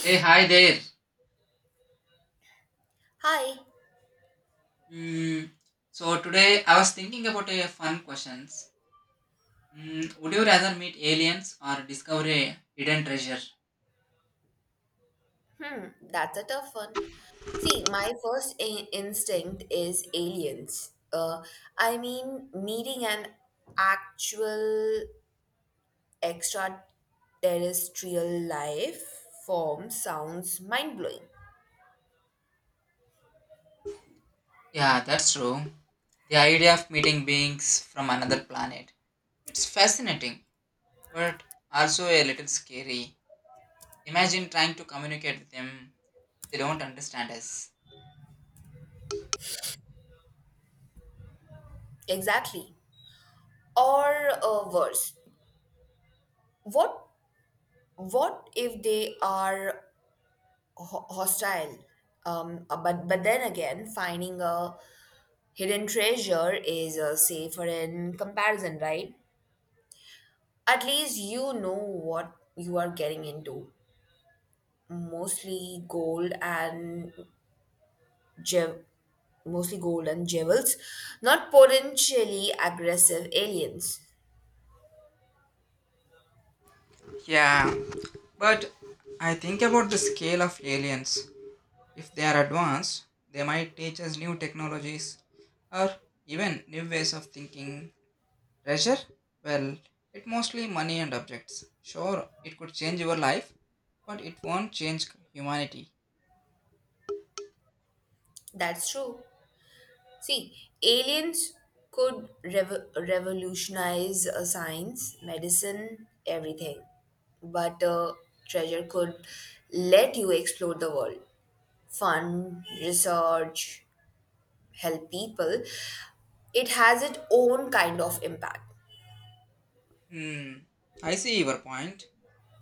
Hey, hi there. Hi, Mm, so today I was thinking about a fun questions. Would you rather meet aliens or discover a hidden treasure? that's a tough one. See, my first instinct is aliens. I mean, meeting an actual extraterrestrial life form sounds mind blowing. Yeah, that's true. The idea of meeting beings from another planet. It's fascinating, but also a little scary. Imagine trying to communicate with them. They don't understand us. Exactly. Or worse, what what if they are hostile? But then again, finding a hidden treasure is safer in comparison, right? At least you know what you are getting into. Mostly gold and jev- mostly gold and jewels, not potentially aggressive aliens. Yeah, but I think about the scale of aliens. If they are advanced, they might teach us new technologies or even new ways of thinking. Treasure? Well, it mostly money and objects. Sure, it could change your life, but it won't change humanity. That's true. See, aliens could revolutionize science, medicine, everything. But treasure could let you explore the world. Fun, research, help people. It has its own kind of impact. Hmm, I see your point,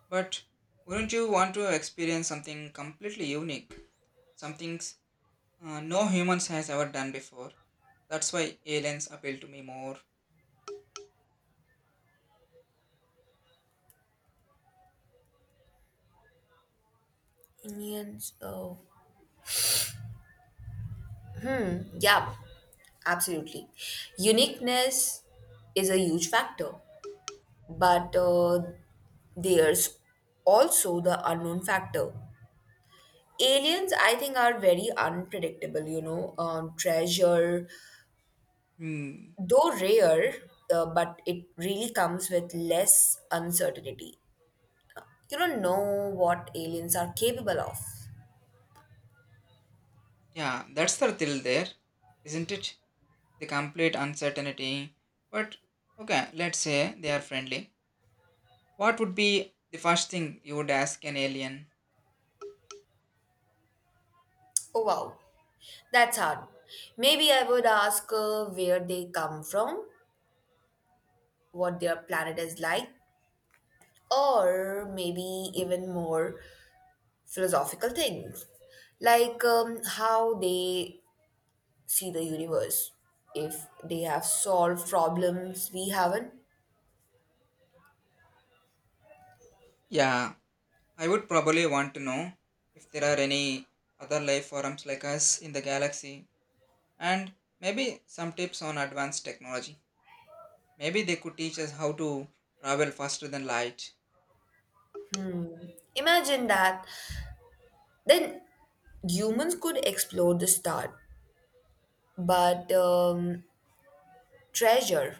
but wouldn't you want to experience something completely unique? Something no humans has ever done before. That's why aliens appeal to me more. Indians, oh, yeah, absolutely. Uniqueness is a huge factor, but there's also the unknown factor. Aliens, I think, are very unpredictable, treasure, Hmm. though rare, but it really comes with less uncertainty. You don't know what aliens are capable of. Yeah, that's the thrill there, isn't it? The complete uncertainty. But okay, let's say they are friendly. What would be the first thing you would ask an alien? Oh, wow, that's hard. Maybe I would ask where they come from, what their planet is like, or maybe even more philosophical things, like how they see the universe, if they have solved problems we haven't. Yeah, I would probably want to know if there are any other life forms like us in the galaxy and maybe some tips on advanced technology. Maybe they could teach us how to travel faster than light. Imagine that. Then humans could explore the star, but treasure,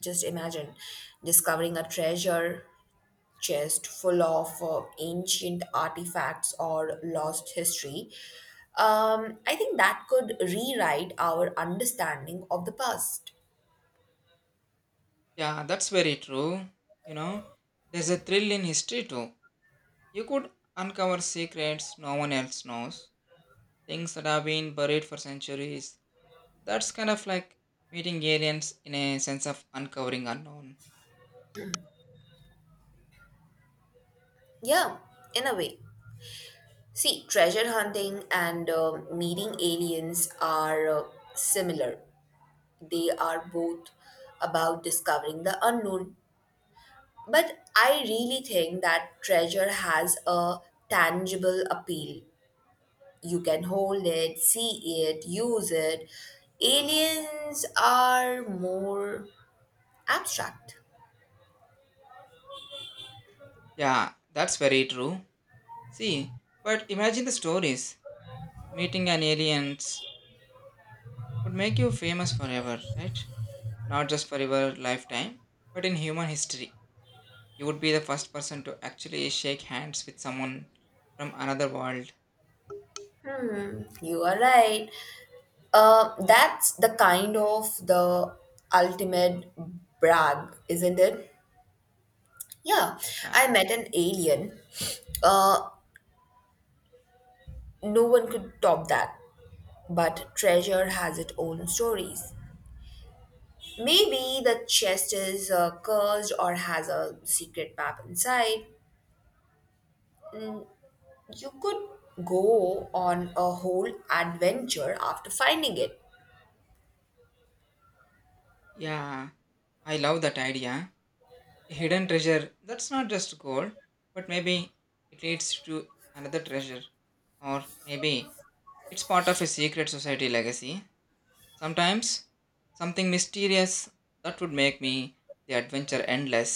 just imagine discovering a treasure chest full of ancient artifacts or lost history. Um, I think that could rewrite our understanding of the past. Yeah, that's very true. You know, there's a thrill in history too. You could uncover secrets no one else knows things that have been buried for centuries. That's kind of like meeting aliens in a sense of uncovering unknown. Yeah, in a way. See, treasure hunting and meeting aliens are similar. They are both about discovering the unknown. But I really think that treasure has a tangible appeal. You can hold it, see it, use it. Aliens are more abstract. Yeah, that's very true. See, but imagine the stories. Meeting an aliens would make you famous forever, right? Not just for your lifetime, but in human history. You would be the first person to actually shake hands with someone from another world. Hmm, you are right. That's the kind of the ultimate brag, isn't it? Yeah, I Yeah. met an alien. Uh, no one could top that. But treasure has its own stories. Maybe the chest is cursed or has a secret map inside. You could go on a whole adventure after finding it. Yeah, I love that idea. Hidden treasure that's not just gold, but maybe it leads to another treasure, or maybe it's part of a secret society legacy. Sometimes something mysterious that would make me the adventure endless.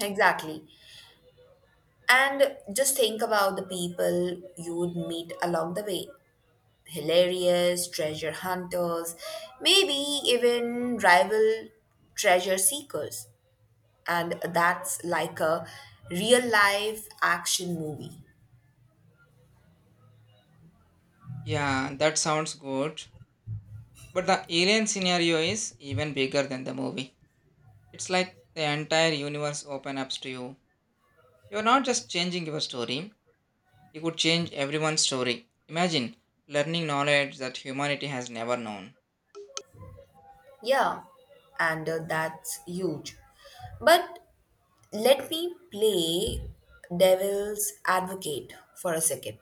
Exactly. And just think about the people you would meet along the way. Hilarious treasure hunters, maybe even rival treasure seekers. And that's like a real life action movie. Yeah, that sounds good, but the alien scenario is even bigger than the movie. It's like the entire universe open up to you. You're not just changing your story. You could change everyone's story. Imagine learning knowledge that humanity has never known. Yeah, and that's huge. But let me play devil's advocate for a second.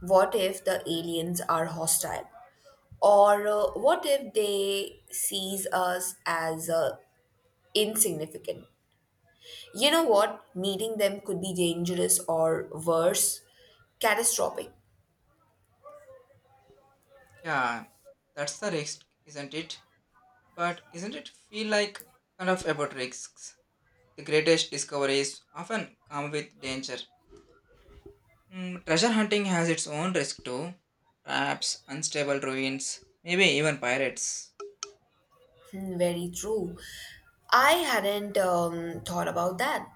What if the aliens are hostile? Or what if they sees us as insignificant? You know what? Meeting them could be dangerous or worse, catastrophic. Yeah, that's the risk, isn't it? But isn't it feel like kind of about risks? The greatest discoveries often come with danger. Treasure hunting has its own risk too. Traps, unstable ruins, maybe even pirates. Hmm, very true. I hadn't thought about that.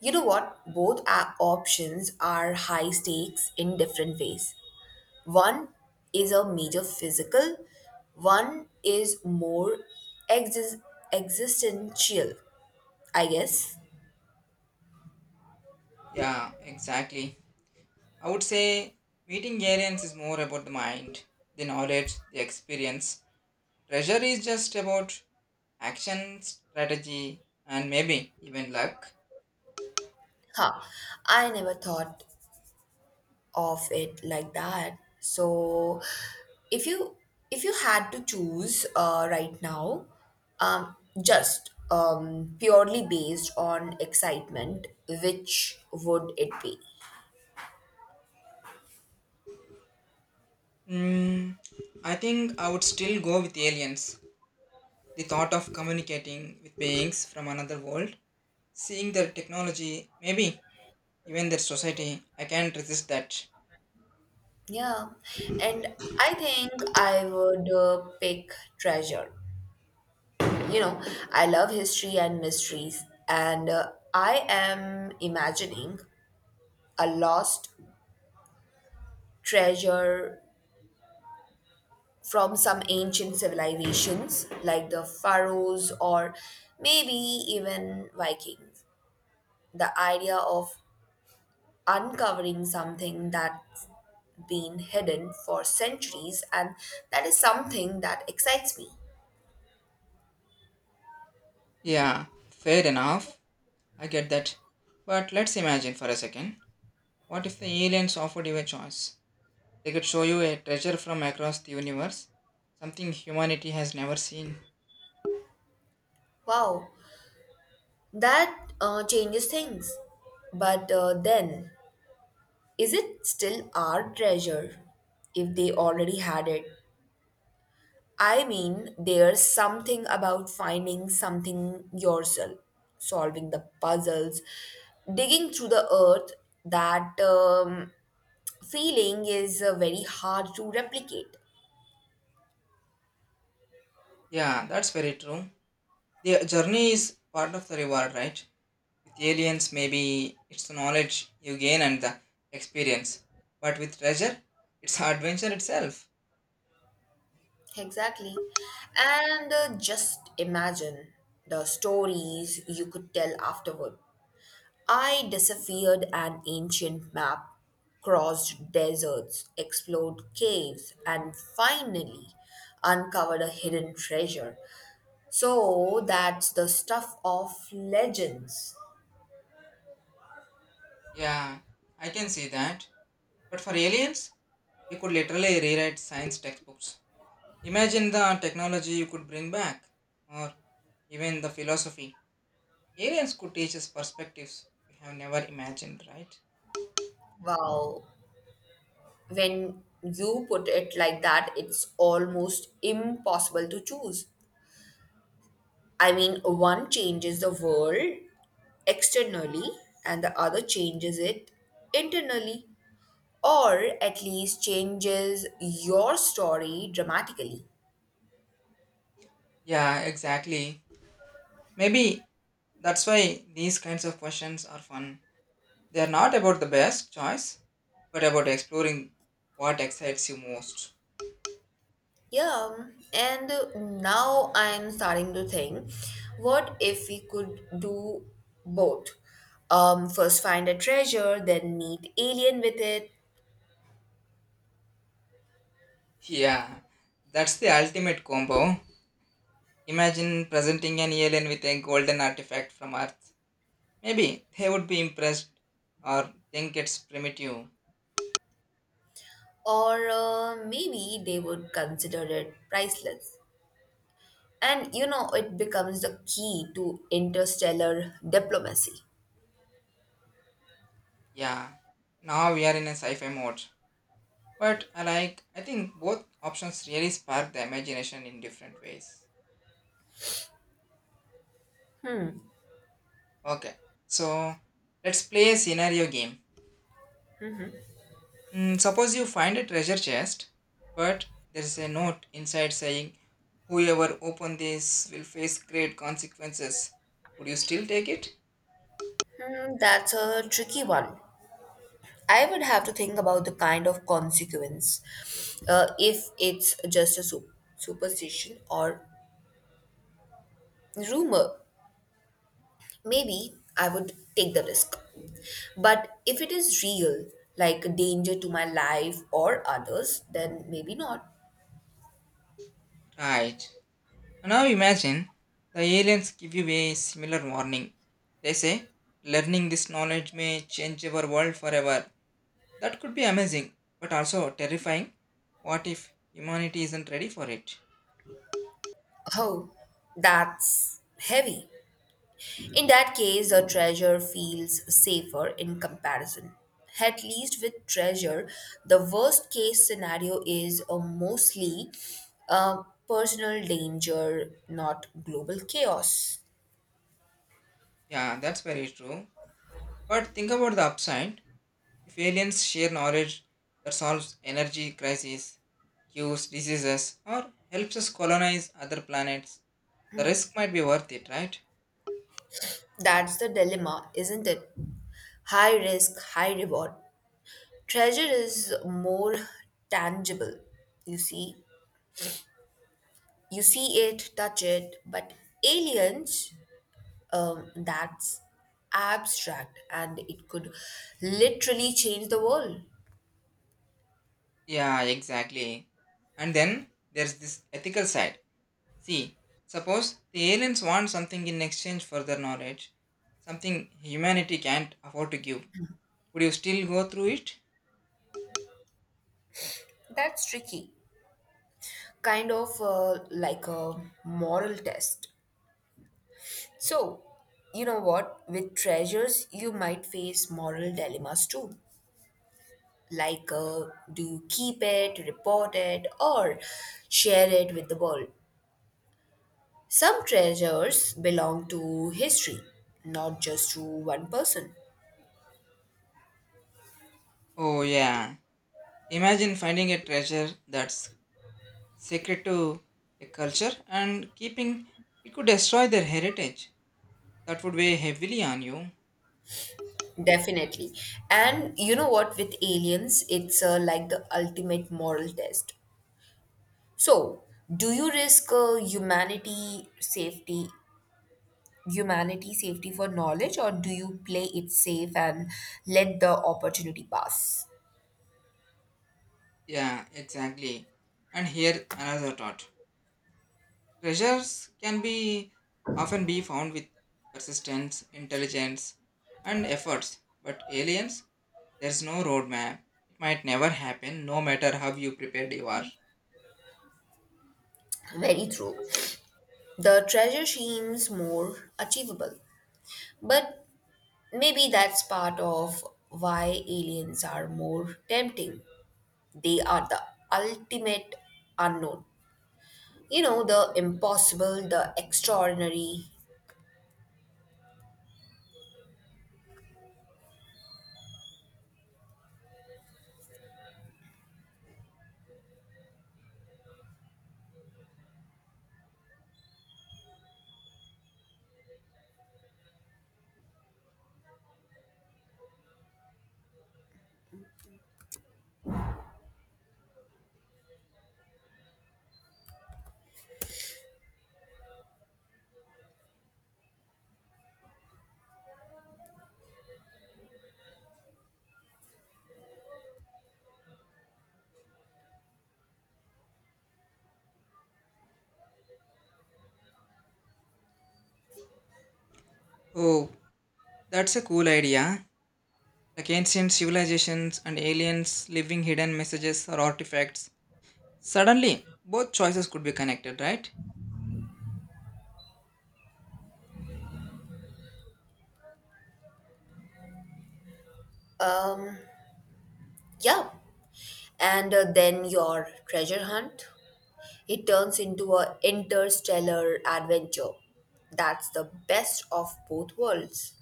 You know what? Both our options are high stakes in different ways. One is a major physical, one is more exis- existential, I guess. Yeah, exactly. I would say meeting aliens is more about the mind, the knowledge, the experience. Treasure is just about action, strategy, and maybe even luck. Huh. I never thought of it like that. So if you if you had to choose right now, um, just purely based on excitement, which would it be? Mm, I think I would still go with aliens. The thought of communicating with beings from another world, seeing their technology, maybe even their society, I can't resist that. Yeah, and I think I would pick treasure. You know, I love history and mysteries, and I am imagining a lost treasure from some ancient civilizations like the pharaohs or maybe even vikings. The idea of uncovering something that's been hidden for centuries, and that is something that excites me. Yeah, fair enough. I get that. But let's imagine for a second. What if the aliens offered you a choice? They could show you a treasure from across the universe, something humanity has never seen. Wow, that changes things, but then, is it still our treasure if they already had it? I mean, there's something about finding something yourself, solving the puzzles, digging through the earth. That feeling is very hard to replicate. Yeah, that's very true. The journey is part of the reward, right? With aliens, maybe it's the knowledge you gain and the experience. But with treasure, it's adventure itself. Exactly. And just imagine the stories you could tell afterward. I disappeared an ancient map, crossed deserts, explored caves, and finally uncovered a hidden treasure. So that's the stuff of legends. Yeah, I can see that. But for aliens, you could literally rewrite science textbooks. Imagine the technology you could bring back, or even the philosophy. Aliens could teach us perspectives we have never imagined, right? Wow. When you put it like that, it's almost impossible to choose. I mean, one changes the world externally and the other changes it internally, or at least changes your story dramatically. Yeah, exactly. Maybe that's why these kinds of questions are fun. They are not about the best choice, but about exploring what excites you most. Yeah, and now I'm starting to think, what if we could do both? First find a treasure, then meet alien with it, Yeah, that's the ultimate combo. Imagine presenting an alien with a golden artifact from Earth. Maybe they would be impressed or think it's primitive. or maybe they would consider it priceless. And you know, it becomes the key to interstellar diplomacy. Yeah, now we are in a sci fi mode. But I think both options really spark the imagination in different ways. Okay, so let's play a scenario game. Suppose you find a treasure chest, but there is a note inside saying, Whoever open this will face great consequences. Would you still take it? Hmm, that's a tricky one. I would have to think about the kind of consequence, if it's just a superstition or rumor. Maybe I would take the risk. But if it is real, like a danger to my life or others, then maybe not. Right. Now imagine the aliens give you a similar warning. They say, learning this knowledge may change our world forever. That could be amazing, but also terrifying. What if humanity isn't ready for it? Oh, that's heavy. In that case, a treasure feels safer in comparison. At least with treasure, the worst case scenario is a mostly uh, personal danger, not global chaos. Yeah, that's very true. But think about the upside. If aliens share knowledge that solves energy crisis, cures diseases, or helps us colonize other planets. The risk might be worth it, right? That's the dilemma, isn't it? High risk, high reward. Treasure is more tangible, you see. You see it, touch it, but aliens, that's abstract, and it could literally change the world. Yeah, exactly. And then there's this ethical side. See, suppose the aliens want something in exchange for their knowledge, something humanity can't afford to give. Would you still go through it? That's tricky, kind of like a moral test. So, you know what? With treasures, you might face moral dilemmas too. Like, do you keep it, report it, or share it with the world? Some treasures belong to history, not just to one person. Oh, yeah. Imagine finding a treasure that's sacred to a culture and keeping it could destroy their heritage. That would weigh heavily on you. Definitely. And you know what, with aliens, it's like the ultimate moral test. So, do you risk humanity safety for knowledge, or do you play it safe and let the opportunity pass? Yeah, exactly. And here another thought. Treasures can be often be found with persistence, intelligence, and efforts. But aliens, there's no roadmap. It might never happen, no matter how you prepared you are. Very true. The treasure seems more achievable, but maybe that's part of why aliens are more tempting. They are the ultimate unknown. You know, the impossible, the extraordinary. Oh, that's a cool idea. Like ancient civilizations and aliens leaving hidden messages or artifacts. Suddenly, both choices could be connected, right? um yeah, and then your treasure hunt, it turns into a interstellar adventure. That's the best of both worlds.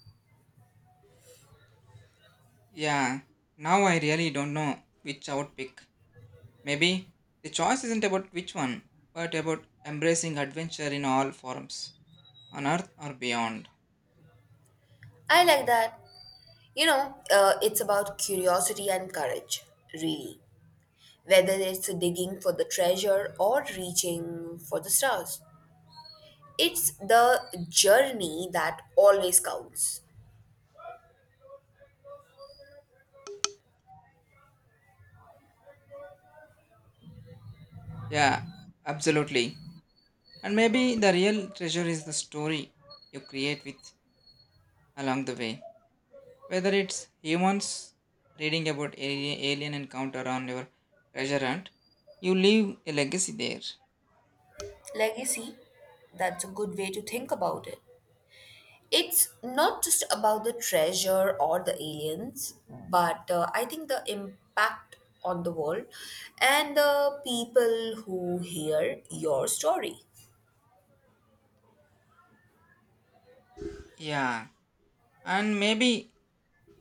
Yeah, now I really don't know which I would pick. Maybe the choice isn't about which one, but about embracing adventure in all forms, on earth or beyond. I like that. You know, it's about curiosity and courage, really. Whether it's digging for the treasure or reaching for the stars, it's the journey that always counts. Yeah, absolutely. And maybe the real treasure is the story you create with along the way. Whether it's humans reading about alien encounter on your treasure hunt, you leave a legacy there. Legacy, that's a good way to think about it. It's not just about the treasure or the aliens, but I think the impact on the world and the people who hear your story. Yeah, and maybe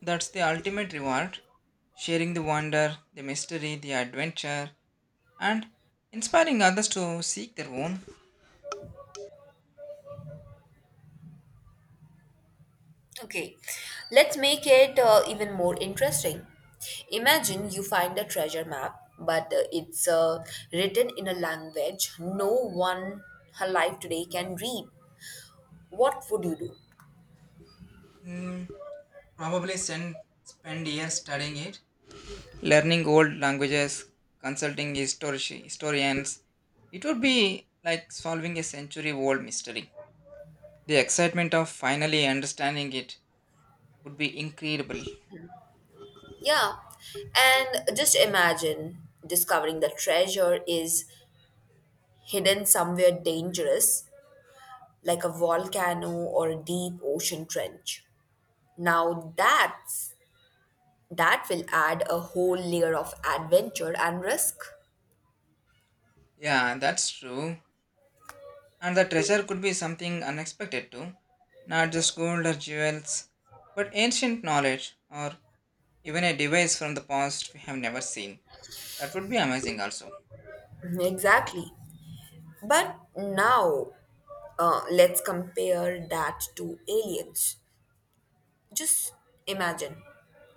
that's the ultimate reward sharing the wonder, the mystery, the adventure, and inspiring others to seek their own. Okay, let's make it even more interesting. Imagine you find a treasure map, but it's written in a language no one alive today can read. What would you do? Mm, probably spend years studying it, learning old languages, consulting historians. It would be like solving a century old mystery. The excitement of finally understanding it would be incredible. Yeah. And just imagine discovering the treasure is hidden somewhere dangerous, like a volcano or a deep ocean trench. Now that will add a whole layer of adventure and risk. Yeah, that's true. And the treasure could be something unexpected too, not just gold or jewels, but ancient knowledge or even a device from the past we have never seen. That would be amazing also. Exactly. But now let's compare that to aliens. Just imagine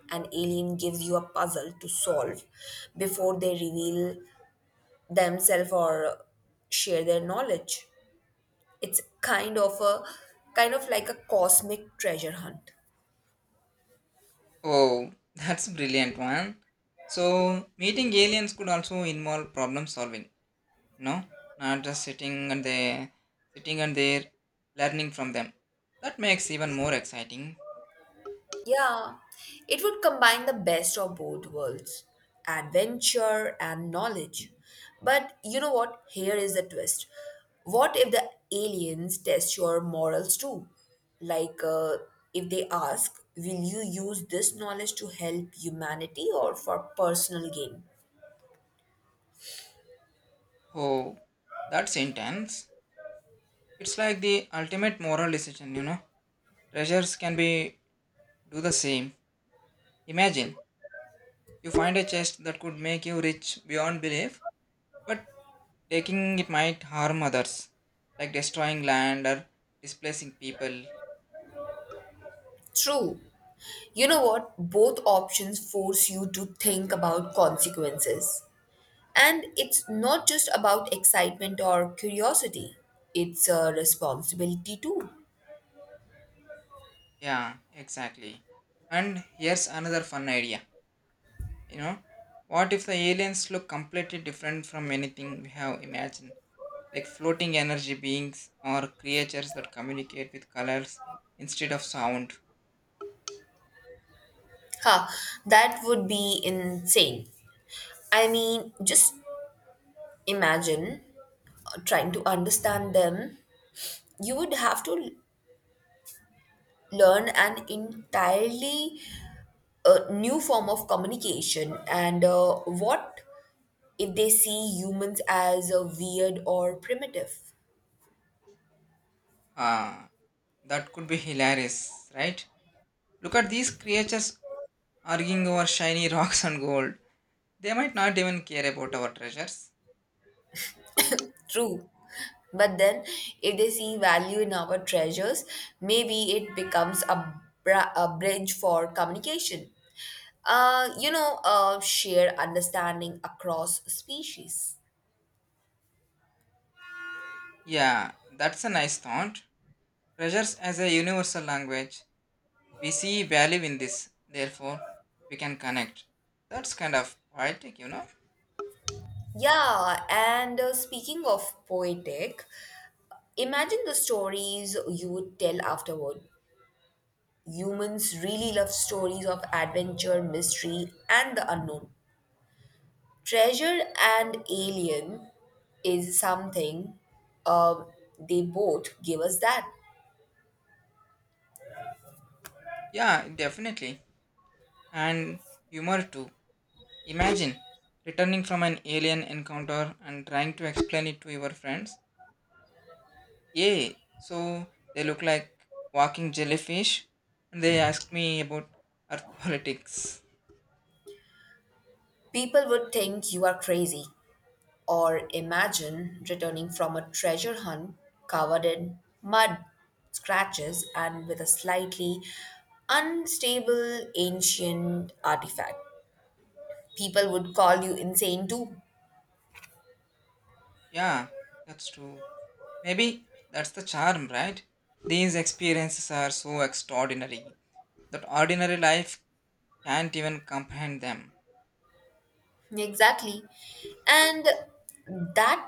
an alien gives you a puzzle to solve before they reveal themselves or share their knowledge. It's kind of like a cosmic treasure hunt. Oh, that's brilliant one. So meeting aliens could also involve problem solving, no? Not just sitting and there learning from them. That makes even more exciting. Yeah, it would combine the best of both worlds, adventure and knowledge. But you know what? Here is the twist. What if the aliens test your morals too? Like, if they ask, will you use this knowledge to help humanity or for personal gain? Oh, that's intense. It's like the ultimate moral decision. Treasures can be do the same. Imagine you find a chest that could make you rich beyond belief, but taking it might harm others, like destroying land or displacing people. True. You know what? Both options force you to think about consequences. And it's not just about excitement or curiosity, it's a responsibility too. Yeah, exactly. And here's another fun idea. You know, what if the aliens look completely different from anything we have imagined? Like floating energy beings or creatures that communicate with colors instead of sound. Ha, that would be insane. I mean, just imagine trying to understand them. You would have to learn an entirely new form of communication, and what if they see humans as a weird or primitive. Ah, that could be hilarious, right? Look at these creatures arguing over shiny rocks and gold. They might not even care about our treasures. True. But then, if they see value in our treasures, maybe it becomes a, a bridge for communication. You know, shared understanding across species. Yeah, that's a nice thought. Treasures as a universal language. We see value in this, therefore, we can connect. That's kind of poetic, you know? Yeah, and speaking of poetic, imagine the stories you would tell afterward. Humans really love stories of adventure, mystery, and the unknown. Treasure and Alien is something, um, they both give us that. Yeah, definitely. And humor too. Imagine returning from an alien encounter and trying to explain it to your friends. Yay! So they look like walking jellyfish and they asked me about earth politics. People would think you are crazy, or imagine returning from a treasure hunt covered in mud, scratches, and with a slightly unstable ancient artifact. People would call you insane too. Yeah, that's true. Maybe that's the charm, right? These experiences are so extraordinary that ordinary life can't even comprehend them. Exactly. And that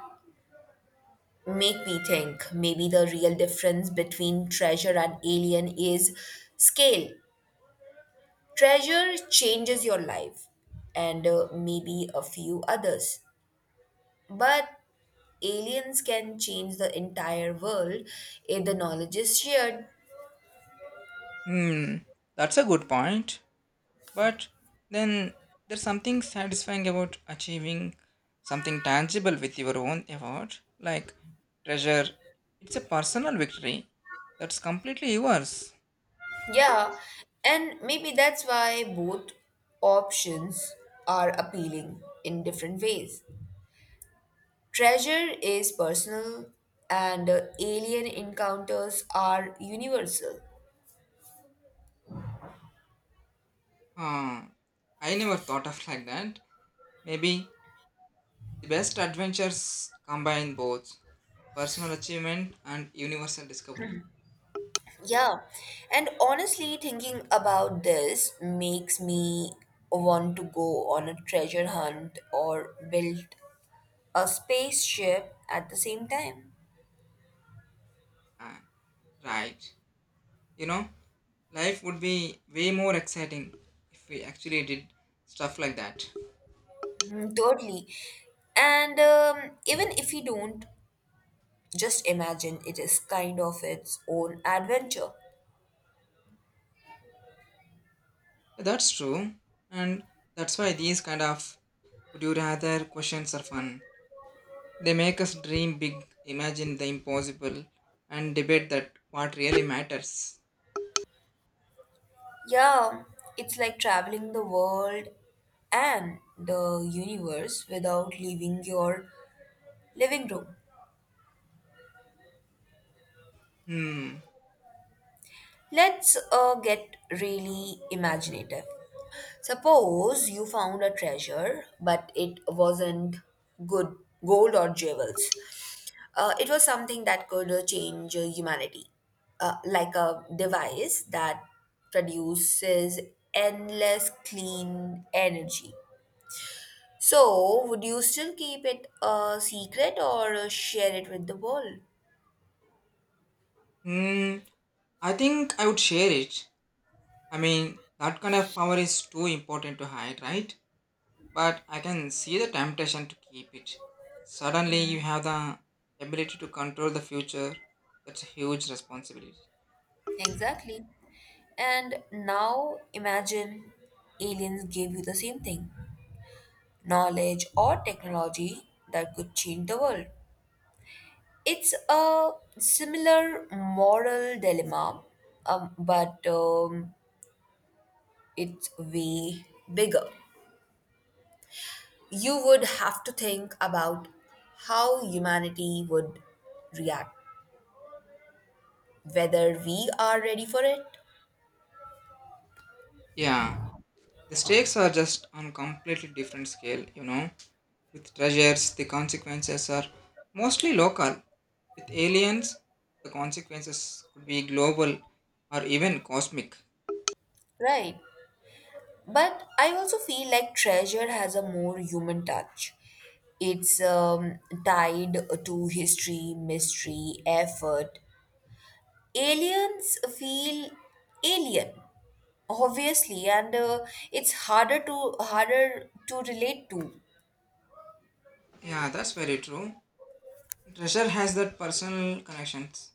make me think maybe the real difference between treasure and alien is scale. Treasure changes your life and maybe a few others. But aliens can change the entire world if the knowledge is shared. Hmm, that's a good point. But then there's something satisfying about achieving something tangible with your own effort, like treasure. It's a personal victory that's completely yours. Yeah, and maybe that's why both options are appealing in different ways. Treasure is personal, and alien encounters are universal. Huh. I never thought of like that. Maybe the best adventures combine both: personal achievement and universal discovery. Yeah, and honestly, thinking about this makes me want to go on a treasure hunt or build a spaceship at the same time. Ah, right, you know, life would be way more exciting if we actually did stuff like that. Mm, totally. And even if you don't, just imagine it is kind of its own adventure. That's true, and that's why these kind of would you rather questions are fun. They make us dream big, imagine the impossible, and debate that what really matters. Yeah, it's like traveling the world and the universe without leaving your living room. Hmm. Let's get really imaginative. Suppose you found a treasure, but it wasn't good gold or jewels. It was something that could change humanity, like a device that produces endless clean energy. So, would you still keep it a secret or share it with the world? Hmm. I think I would share it. I mean, that kind of power is too important to hide, right? But I can see the temptation to keep it. Suddenly, you have the ability to control the future. That's a huge responsibility. Exactly. And now imagine aliens gave you the same thing, knowledge or technology that could change the world. It's a similar moral dilemma, but it's way bigger. You would have to think about how humanity would react, whether we are ready for it. Yeah, the stakes are just on completely different scale. With treasures, the consequences are mostly local. With aliens, the consequences could be global or even cosmic. Right. But I also feel like treasure has a more human touch. It's tied to history, mystery, effort. Aliens feel alien, obviously, and it's harder to relate to. Yeah, that's very true. Treasure has that personal connections.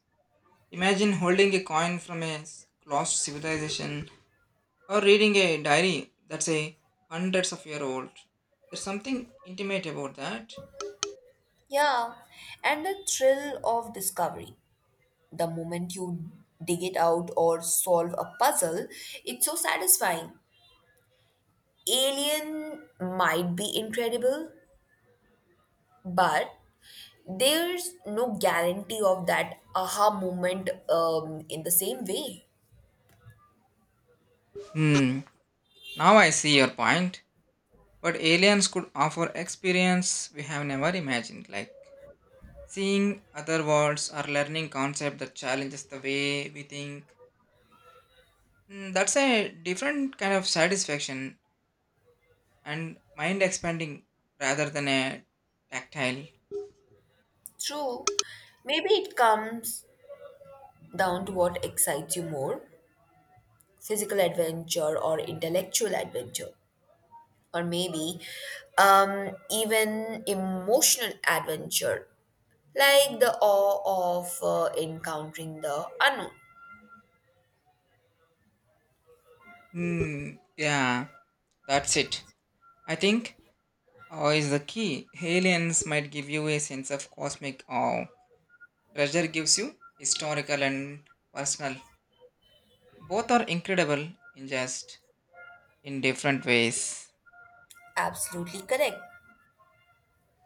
Imagine holding a coin from a lost civilization or reading a diary that's a hundreds of year old. There's something intimate about that. Yeah, and the thrill of discovery. The moment you dig it out or solve a puzzle, it's so satisfying. Alien might be incredible, but there's no guarantee of that aha moment in the same way. hmm Now I see your point, but aliens could offer experience we have never imagined, like seeing other worlds or learning concept that challenges the way we think. That's a different kind of satisfaction and mind expanding rather than a tactile. True, maybe it comes down to what excites you more, physical adventure or intellectual adventure, or maybe even emotional adventure, like the awe of encountering the unknown. Hmm. Yeah, that's it, I think. Awe is the key. Aliens might give you a sense of cosmic awe. Treasure gives you historical and personal. Both are incredible in just in different ways. Absolutely correct.